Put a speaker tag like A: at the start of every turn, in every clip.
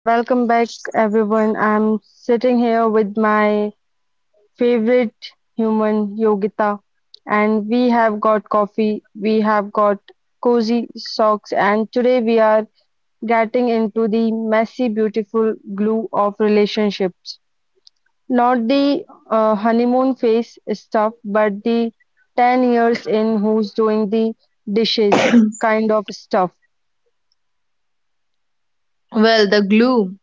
A: Welcome back, everyone. I'm sitting here with my favorite human, Yogita, and we have got coffee, we have got cozy socks, and today we are getting into the messy, beautiful glue of relationships. Not the honeymoon phase stuff, but the 10 years in who's doing the dishes kind of stuff.
B: Well, the glue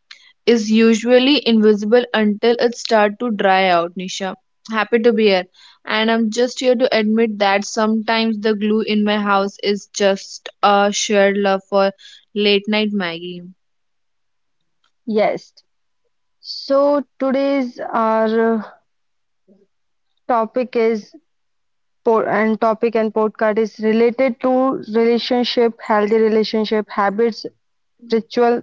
B: is usually invisible until it starts to dry out, Nisha. Happy to be here. And I'm just here to admit that sometimes the glue in my house is just a shared love for late night Maggie.
A: Yes. So today's our topic is po- and topic and podcast is related to relationship, healthy relationship habits, ritual,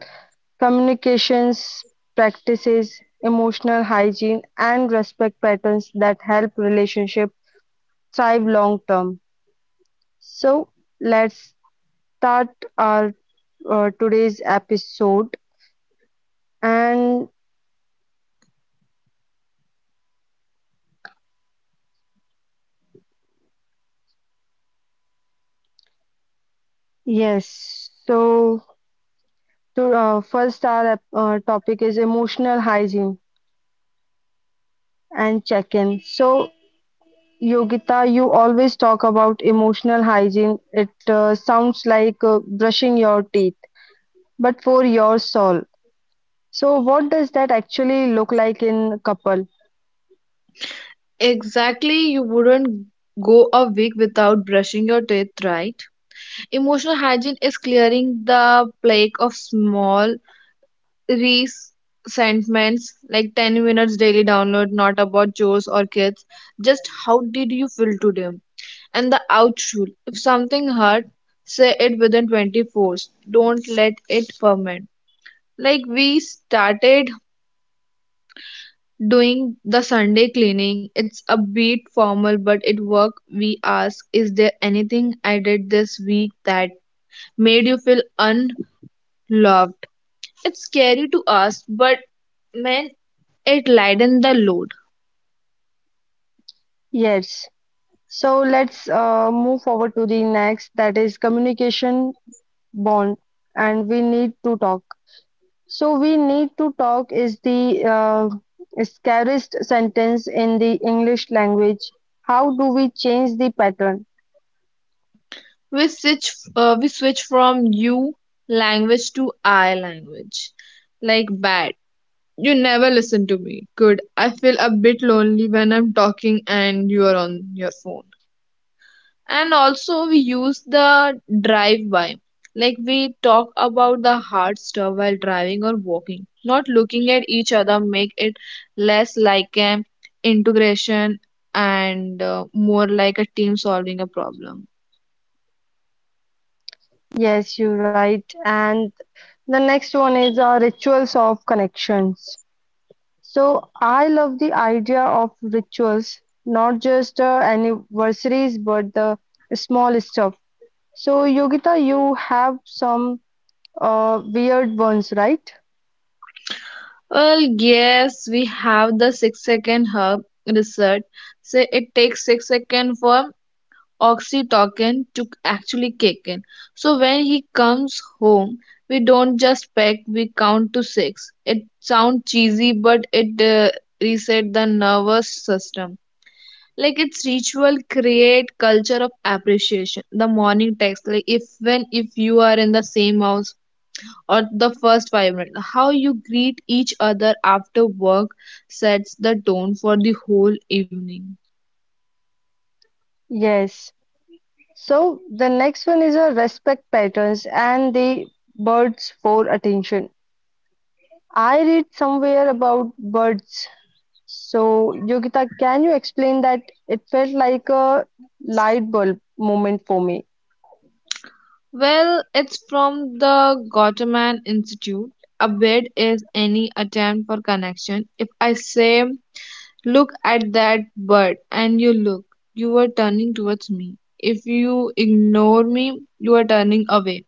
A: communications practices, emotional hygiene, and respect patterns that help relationship thrive long term. So let's start our today's episode. And yes, so to, first our topic is emotional hygiene and check in. So, Yogita, you always talk about emotional hygiene. It sounds like brushing your teeth, but for your soul. So, what does that actually look like in couple?
B: Exactly, you wouldn't go a week without brushing your teeth, right? Emotional hygiene is clearing the plague of small resentments, like 10 minutes daily download, not about chores or kids, just how did you feel today, and the out rule, if something hurt, say it within 24. Don't let it ferment. Like we started doing the sunday cleaning. It's a bit formal but it worked. We ask, is there anything I did this week that made you feel unloved? It's scary to ask but man, it lighten the load.
A: Yes. So, let's move forward to the next that is communication bond, and we need to talk. So, we need to talk is the scariest sentence in the English language. How do we change the pattern?
B: We switch we switch from you language to I language. Like bad. You never listen to me. Good. I feel a bit lonely when I'm talking and you are on your phone. And also we use the drive by. Like we talk about the hard stuff while driving or walking. Not looking at each other make it less like an integration and more like a team solving a problem.
A: Yes, you're right. And the next one is rituals of connections. So I love the idea of rituals, not just anniversaries, but the small stuff. So, Yogita, you have some weird ones, right?
B: Well, yes, we have the 6 second herb research. Say it takes 6 seconds for oxytocin to actually kick in. So when he comes home, we don't just peck, we count to six. It sounds cheesy, but it reset the nervous system. Like its ritual create culture of appreciation. The morning text, like if when if you are in the same house or the first 5 minutes. How you greet each other after work sets the tone for the whole evening.
A: Yes. So the next one is a respect patterns and the birds for attention. I read somewhere about birds. So, Yogita, can you explain that? It felt like a light bulb moment for me.
B: Well, it's from the Gottman Institute. A bid is any attempt for connection. If I say, look at that bird, and you look, you are turning towards me. If you ignore me, you are turning away.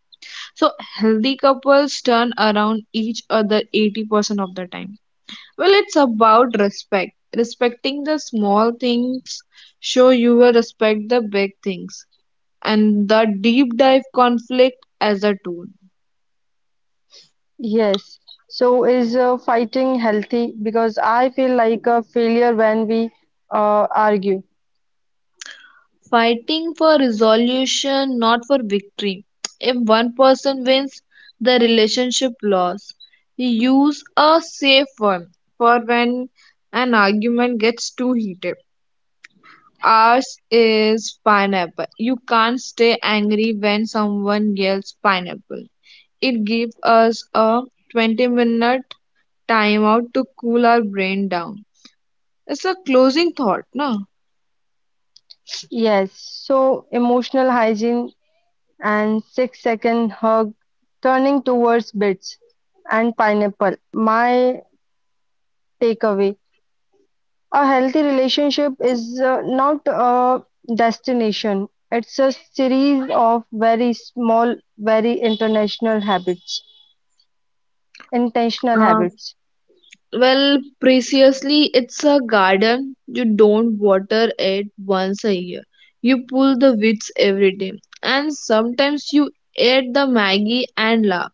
B: So, healthy couples turn around each other 80% of the time. Well, it's about respect. Respecting the small things show you will respect the big things and the deep dive conflict as a tool.
A: Yes. So, is fighting healthy? Because I feel like a failure when we argue.
B: Fighting for resolution, not for victory. If one person wins, the relationship loss. Use a safe one for when an argument gets too heated. Ours is pineapple. You can't stay angry when someone yells pineapple. It gave us a 20-minute timeout to cool our brain down. It's a closing thought, no?
A: Yes. So, emotional hygiene and 6-second hug, turning towards bits and pineapple. My takeaway. A healthy relationship is not a destination, it's a series of very small, very international habits, intentional
B: Uh,
A: habits.
B: well, preciously, it's a garden. You don't water it once a year. You pull the weeds every day. And sometimes you eat the Maggie and laugh.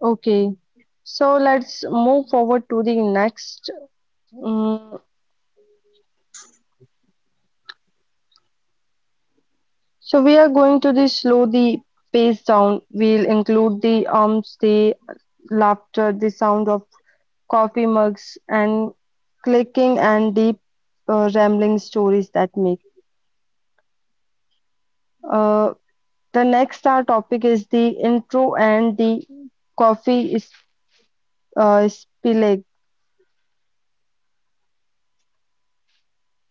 A: Okay, so let's move forward to the next. Mm, so we are going to the slow the pace down. We'll include the arms, the laughter, the sound of coffee mugs, and clicking and deep rambling stories that make. Uh, The next our topic is the intro and the coffee is spillag,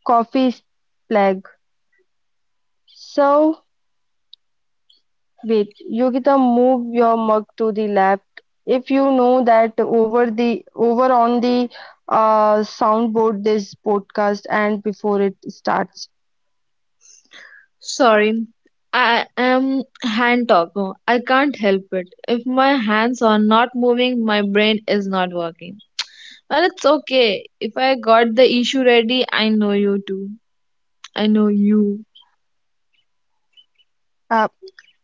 A: coffee splag. So wait, Yogita, move your mug to the left. If you know that over the over on the soundboard this podcast and before it starts.
B: Sorry, I am hand talker. I can't help it. If my hands are not moving, my brain is not working. Well, it's okay. If I got the issue ready, I know you too. I know you.
A: Uh,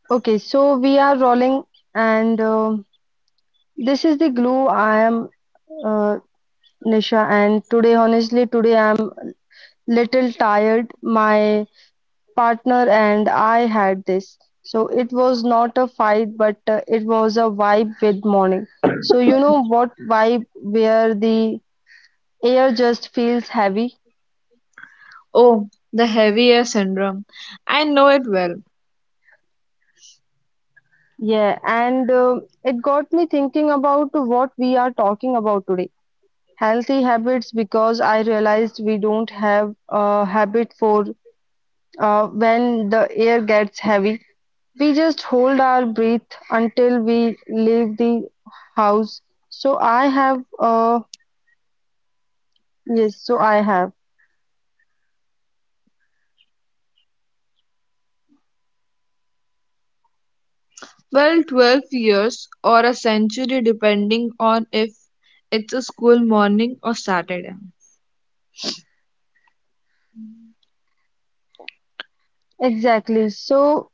A: okay, so we are rolling and this is the glue. I am uh, Nisha and today honestly today I'm little tired. My partner and I had this. So it was not a fight, but it was a vibe with morning. So you know what vibe where the air just feels heavy?
B: Oh, the heavy air syndrome. I know it well.
A: Yeah, and it got me thinking about what we are talking about today. Healthy habits because I realized we don't have a habit for when the air gets heavy. We just hold our breath until we leave the house. So I have a. Yes, so I have.
B: Well, 12 years or a century, depending on if it's a school morning or Saturday.
A: Exactly. So,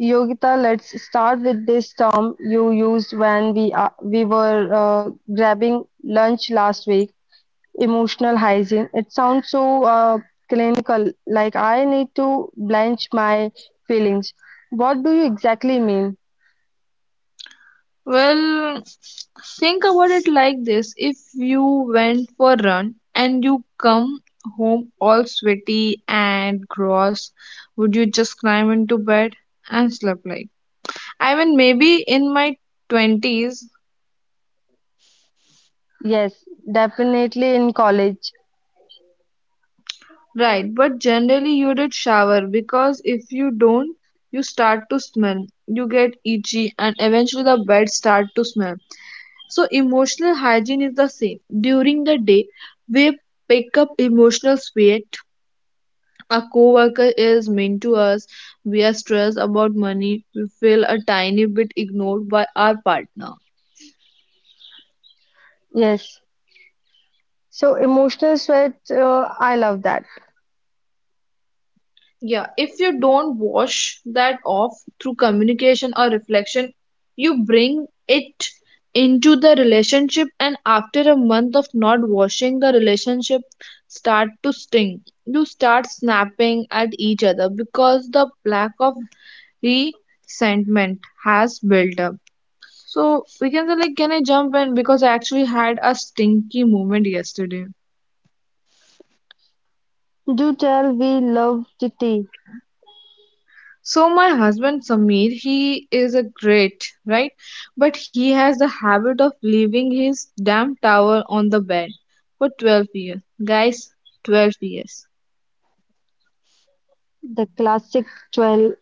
A: Yogita, let's start with this term you used when we were grabbing lunch last week, emotional hygiene. It sounds so clinical, like I need to blanch my feelings. What do you exactly mean?
B: Well, think about it like this, if you went for a run and you come home all sweaty and gross, would you just climb into bed and sleep like? I mean, maybe in my 20s,
A: Yes, definitely in college.
B: right, but generally you did shower, because if you don't, you start to smell, you get itchy, and eventually the bed start to smell. So emotional hygiene is the same. During the day, we pick up emotional sweat. A coworker is mean to us. We are stressed about money. We feel a tiny bit ignored by our partner.
A: Yes. So, emotional sweat, I love that.
B: Yeah, if you don't wash that off through communication or reflection, you bring it into the relationship, and after a month of not washing, the relationship start to sting. You start snapping at each other because the lack of resentment has built up. So we can say like, can I jump in? Because I actually had a stinky moment yesterday.
A: Do tell, we love the tea,
B: So my husband Samir, he is a great, right? But he has the habit of leaving his damn towel on the bed for 12 years. Guys, 12 years.
A: the classic 12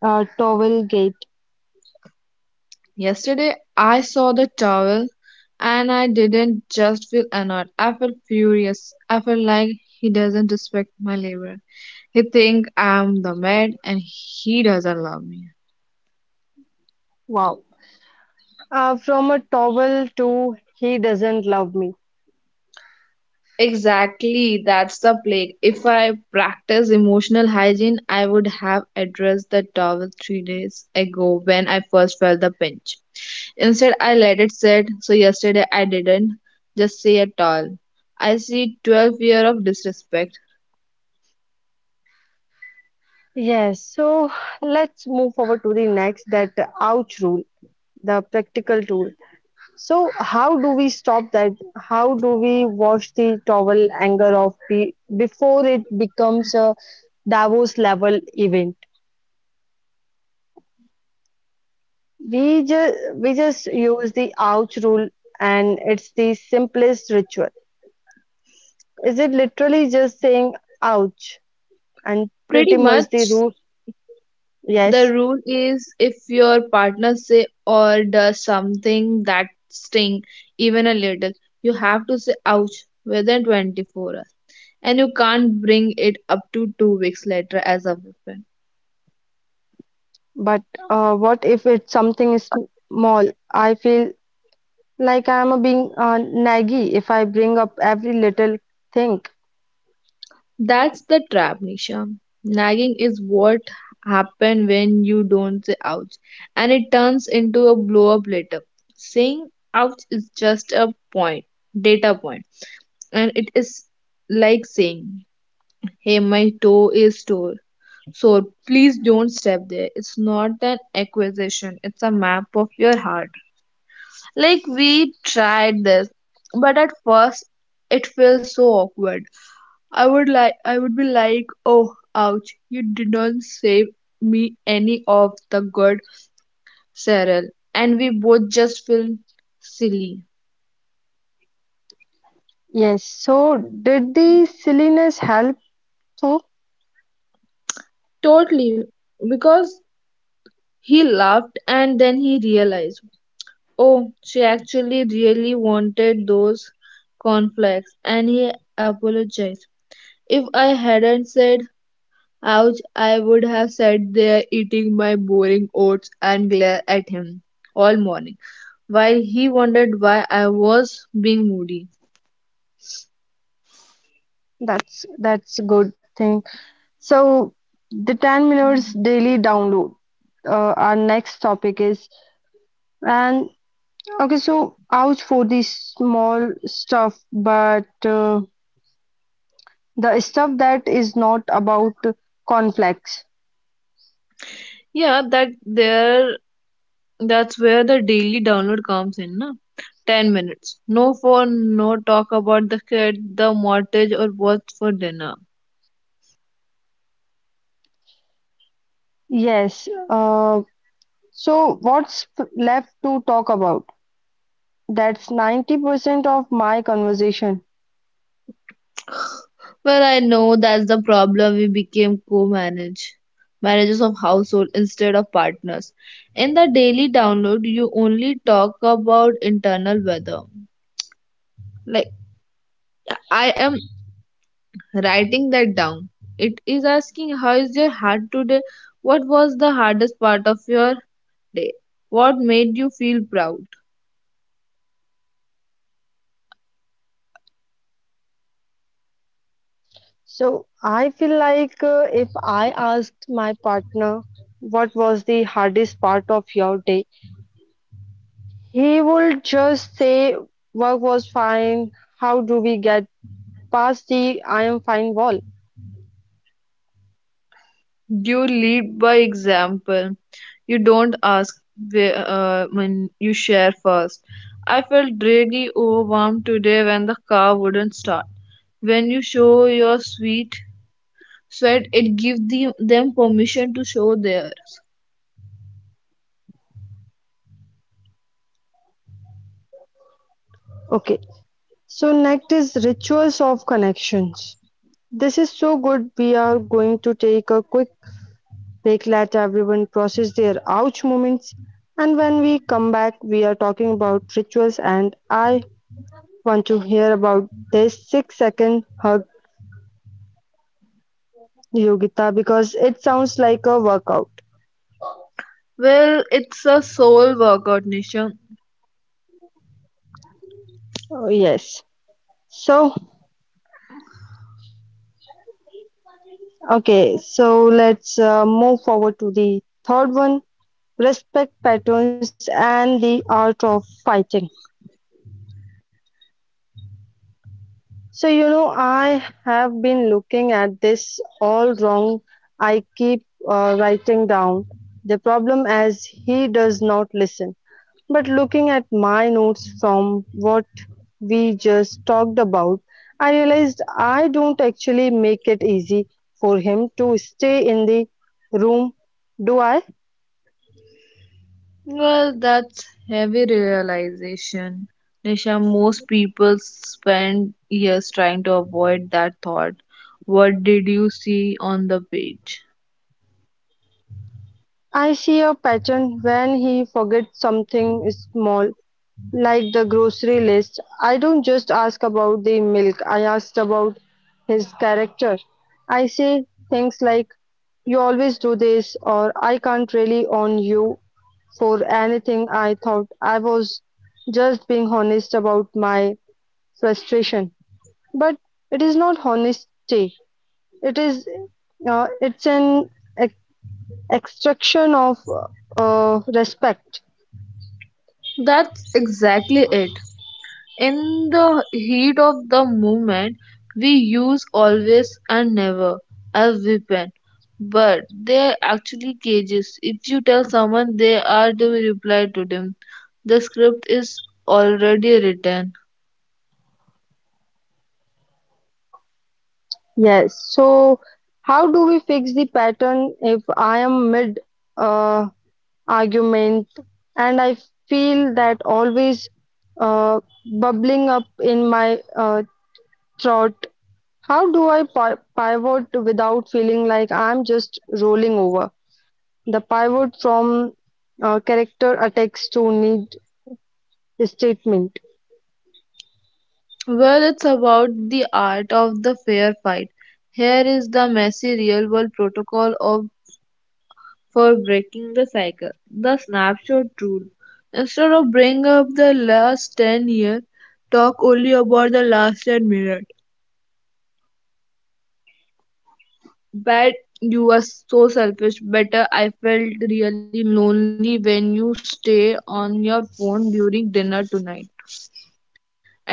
A: Towel gate.
B: Yesterday I saw the towel and I didn't just feel annoyed. I felt furious. I felt like he doesn't respect my labor. He think I'm the maid and he doesn't love me.
A: Wow. From a towel to he doesn't love me.
B: Exactly, that's the plague. If I practice emotional hygiene, I would have addressed the towel 3 days ago when I first felt the pinch. Instead, I let it sit, so yesterday I didn't just say at all. I see 12 year of disrespect.
A: Yes, so let's move forward to the next that ouch rule, the practical tool. So, how do we stop that? How do we wash the towel anger off before it becomes a Davos level event? We just use the ouch rule and it's the simplest ritual. Is it literally just saying ouch? And
B: Pretty
A: pretty much
B: much
A: the rule,
B: the
A: yes.
B: rule is, if your partner say or does something that sting even a little, you have to say ouch within 24 hours. And you can't bring it up to 2 weeks later as a weapon.
A: But what if it's something small? I feel like I'm a being naggy if I bring up every little thing.
B: That's the trap, Nisha. Nagging is what happens when you don't say ouch, and it turns into a blow up later. Saying ouch is just a point, data point, and it is like saying, hey, my toe is sore. So please don't step there. It's not an accusation. It's a map of your heart. Like we tried this, but at first it feels so awkward. I would be like, "Oh, ouch. You didn't save me any of the good, Cyril." And we both just feel silly.
A: Yes. So did the silliness help? So
B: Totally, because he laughed and then he realized, "Oh, she actually really wanted those conflicts," and he apologized. If I hadn't said Ouch, I would have sat there eating my boring oats and glare at him all morning while he wondered why I was being moody.
A: that's a good thing. So the 10 minutes daily download. Our next topic is. And okay. So ouch for the small stuff, but. The stuff that is not about conflicts.
B: Yeah, that's where the daily download comes in, na? 10 minutes. No phone, no talk about the kid, the mortgage or what's for dinner.
A: Yes. So what's left to talk about? That's 90% of my conversation.
B: Well, I know that's the problem. We became co-manage managers of household instead of partners. In the daily download, you only talk about internal weather. Like I am writing that down. It is asking, how is your heart today? What was the hardest part of your day? What made you feel proud?
A: So I feel like if I asked my partner what was the hardest part of your day, he would just say work was fine. How do we get past the I am fine wall?
B: You lead by example. You don't ask when you share first. I felt really overwhelmed today when the car wouldn't start. When you show your sweet sweat, it gives them permission to show theirs.
A: Okay. So next is rituals of connections. This is so good. We are going to take a quick break, let everyone process their ouch moments. And when we come back, we are talking about rituals. And I want to hear about this 6-second hug, Yogita, because it sounds like a workout.
B: Well, it's a soul workout, Nisha.
A: Oh, yes. So, okay, so let's move forward to the third one, respect patterns and the art of fighting. So, you know, I have been looking at this all wrong. I keep writing down the problem as he does not listen. But looking at my notes from what we just talked about, I realized I don't actually make it easy for him to stay in the room, do I?
B: Well, that's heavy realization. Nisha, most people spend years trying to avoid that thought. What did you see on the page?
A: I see a pattern when he forgets something small. Like the grocery list, I don't just ask about the milk, I asked about his character. I say things like, you always do this, or I can't really on you for anything. I thought I was just being honest about my frustration. But it is not honesty, it is it's an ex- extraction of respect.
B: That's exactly it. In the heat of the moment, we use always and never as weapon, but they're actually cages. If you tell someone they are to reply to them, the script is already written.
A: Yes. So, how do we fix the pattern if I am mid uh, argument and I feel that always uh, bubbling up in my throat? How do I pi pivot without feeling like I'm just rolling over? The pivot from character attacks to need statement.
B: Well, it's about the art of the fair fight. Here is the messy real world protocol of for breaking the cycle. The snapshot rule. Instead of bringing up the last 10 years, talk only about the last 10 minutes. Bad, you were so selfish. Better, I felt really lonely when you stay on your phone during dinner tonight.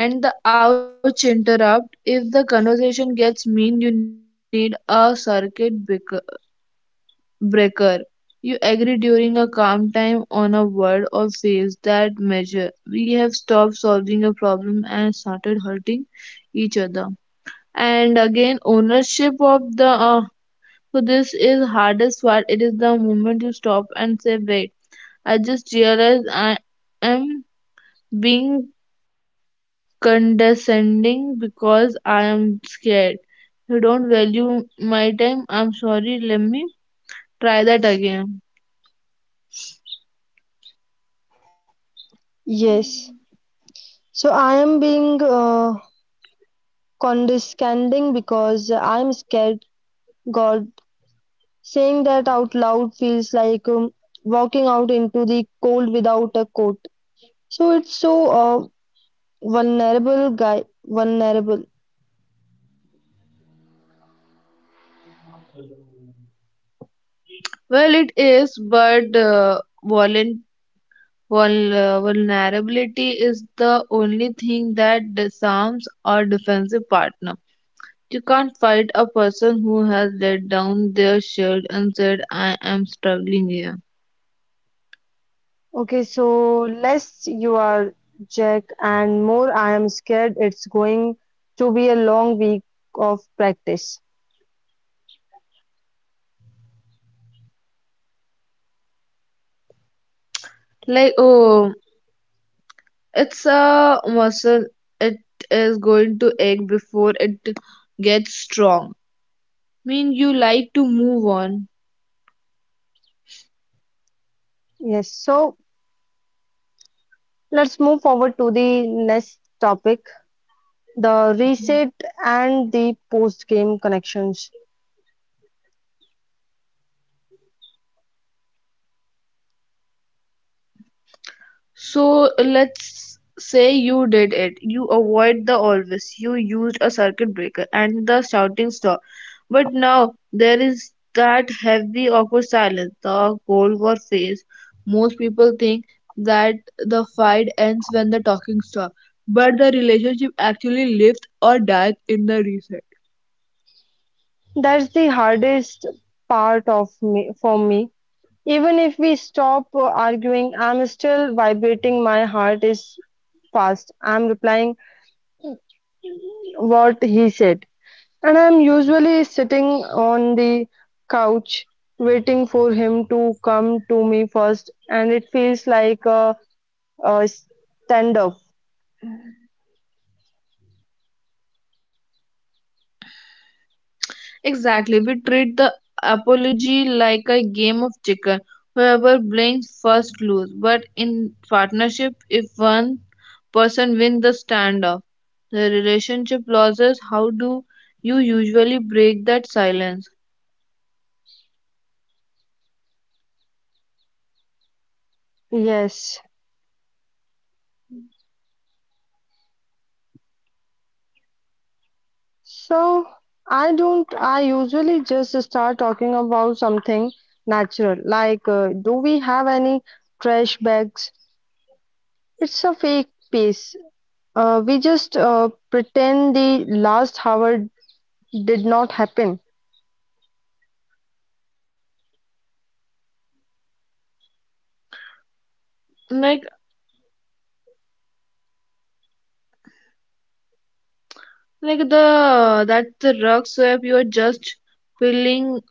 B: And the ouch interrupt. If the conversation gets mean, you need a circuit breaker. You agree during a calm time on a word or phrase that measure. We have stopped solving a problem and started hurting each other. And again, ownership of the. So this is hardest part. It is the moment you stop and say, "Wait, I just realized I am being condescending because I am scared. You don't value my time. I'm sorry. Let me try that again."
A: Yes. So I am being condescending because I'm scared. God. Saying that out loud feels like walking out into the cold without a coat. So it's so vulnerable, guy. Vulnerable.
B: Well, it is, but volun- vulnerability is the only thing that disarms our defensive partner. You can't fight a person who has let down their shield and said, I am struggling here.
A: Okay, so less you are Jack and more I am scared it's going to be a long week of practice.
B: Like, oh, it's a muscle. It is going to ache before it gets strong. Mean, you like to move on.
A: Yes, so let's move forward to the next topic, the reset and the post game connections.
B: So let's say you did it. You avoid the always. You used a circuit breaker and the shouting stop. But now there is that heavy, awkward silence, the Cold War phase. Most people think that the fight ends when the talking stops, but the relationship actually lives or dies in the reset.
A: That's the hardest part of me for me. Even if we stop arguing, I'm still vibrating. My heart is fast. I'm replying what he said. And I'm usually sitting on the couch waiting for him to come to me first, and it feels like a standoff.
B: Exactly. We treat the apology like a game of chicken. Whoever blinks first lose. But in partnership, if one person wins the standoff, the relationship loses. How do you usually break that silence?
A: Yes. So I don't, I usually just start talking about something natural, like do we have any trash bags? It's a fake piece. We just pretend the last hour did not happen.
B: Like, like the That's the rug swap. You are just filling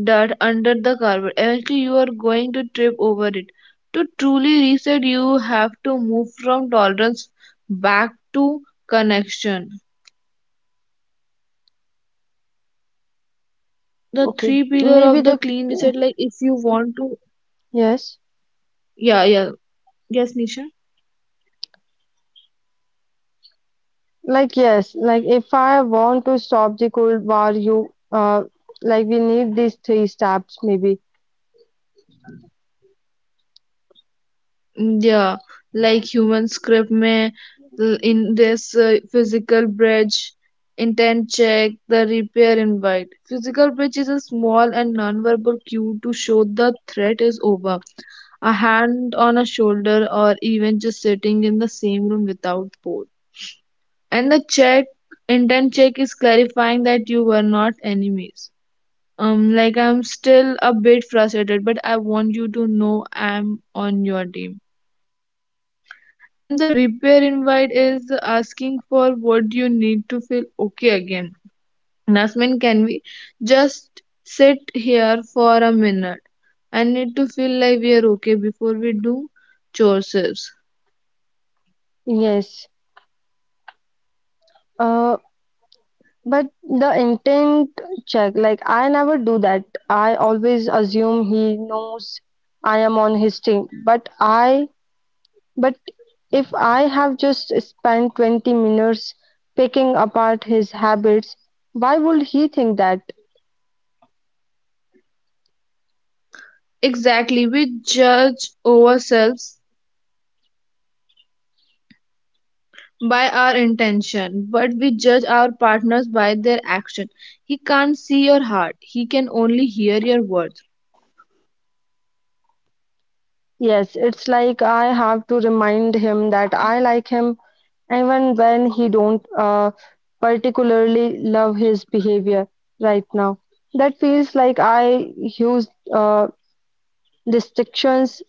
B: that under the carpet. Eventually, you are going to trip over it. To truly reset, you have to move from tolerance back to connection. The
A: Okay,
B: three pillar
A: maybe
B: of the
A: the
B: clean reset, like if you want to,
A: yes,
B: yeah, yeah, yes, Nisha.
A: yes, like if I want to stop the cold war, you like we need these three steps, maybe.
B: Yeah, like human script in this physical bridge, intent check, the repair invite. Physical bridge is a small and nonverbal cue to show the threat is over. A hand on a shoulder or even just sitting in the same room without port. And the intent check is clarifying that you were not enemies. Like I'm still a bit frustrated, but I want you to know I'm on your team, and the repair invite is asking for what you need to feel okay again. Nasmin, can we just sit here for a minute? I need to feel like we are okay before we do chores.
A: Yes. Uh, but the intent check, like I never do that. I always assume he knows I am on his team, but if I have just spent 20 minutes picking apart his habits, why would he think that?
B: Exactly, we judge ourselves by our intention, but we judge our partners by their action. He can't see your heart, he can only hear your words.
A: Yes, it's like I have to remind him that I like him even when he don't particularly love his behavior right now. That feels like I use uh, distinctions.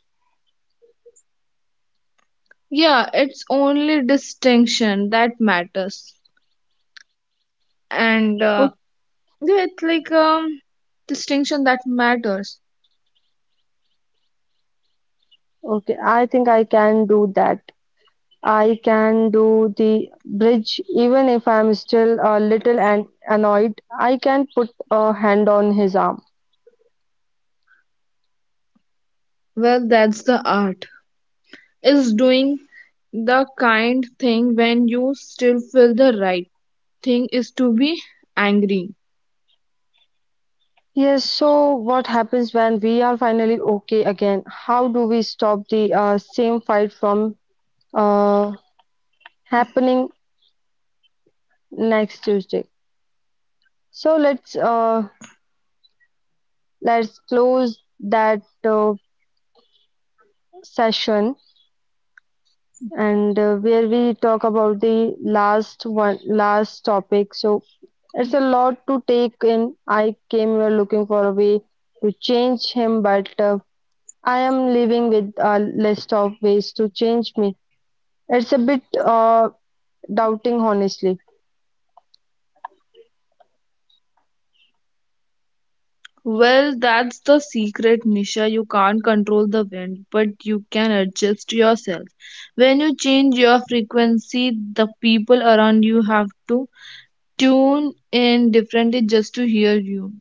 B: Yeah, it's only distinction that matters. And Yeah, it's like distinction that matters.
A: Okay, I think I can do that. I can do the bridge even if I'm still a little annoyed. I can put a hand on his arm.
B: Well, that's the art. Is doing the kind thing when you still feel the right thing is to be angry.
A: Yes, so what happens when we are finally okay again? How do we stop the same fight from uh, happening next Tuesday? So let's let's close that session and where we talk about the last one last topic. So it's a lot to take in. I came here looking for a way to change him, but I am living with a list of ways to change me. It's a bit doubting, honestly.
B: Well, that's the secret, Nisha. You can't control the wind, but you can adjust yourself. When you change your frequency, the people around you have to tune in differently just to hear you.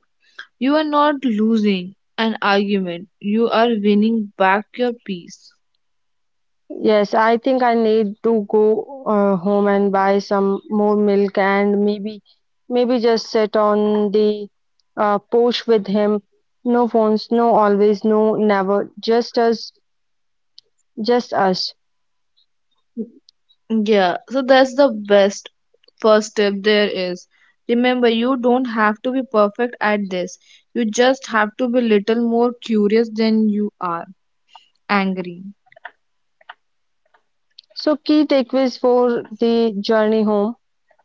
B: You are not losing an argument, you are winning back your peace.
A: Yes, I think I need to go home and buy some more milk and maybe just sit on the porch with him. No phones, no always, no never. Just us.
B: Yeah, so that's the best first step there is. Remember, you don't have to be perfect at this. You just have to be little more curious than you are angry.
A: So key takeaways for the journey home.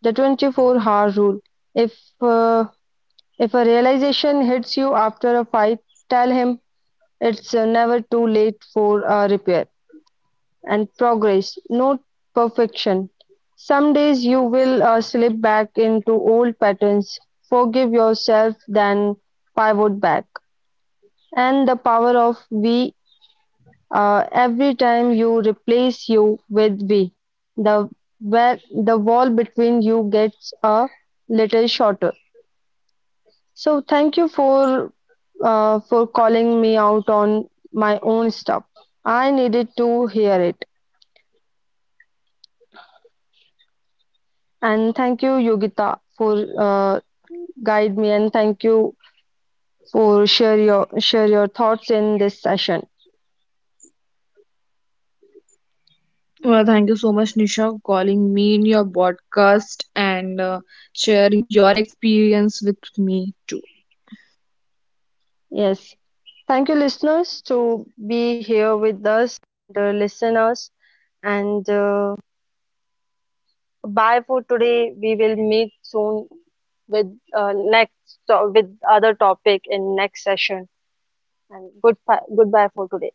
A: The 24-hour rule. If uh, if a realization hits you after a fight, tell him it's never too late for repair. And progress, not perfection. Some days you will slip back into old patterns. Forgive yourself, then pivot back. And the power of we. Every time you replace you with we, the where the wall between you gets a little shorter. So thank you for calling me out on my own stuff. I needed to hear it. And thank you, Yogita, for guide me and thank you for share your thoughts in this session.
B: Well, thank you so much, Nisha, for calling me in your podcast and share your experience with me too.
A: Yes. Thank you, listeners, to be here with us, the listeners. And bye for today. We will meet soon with next with other topic in next session. And goodbye for today.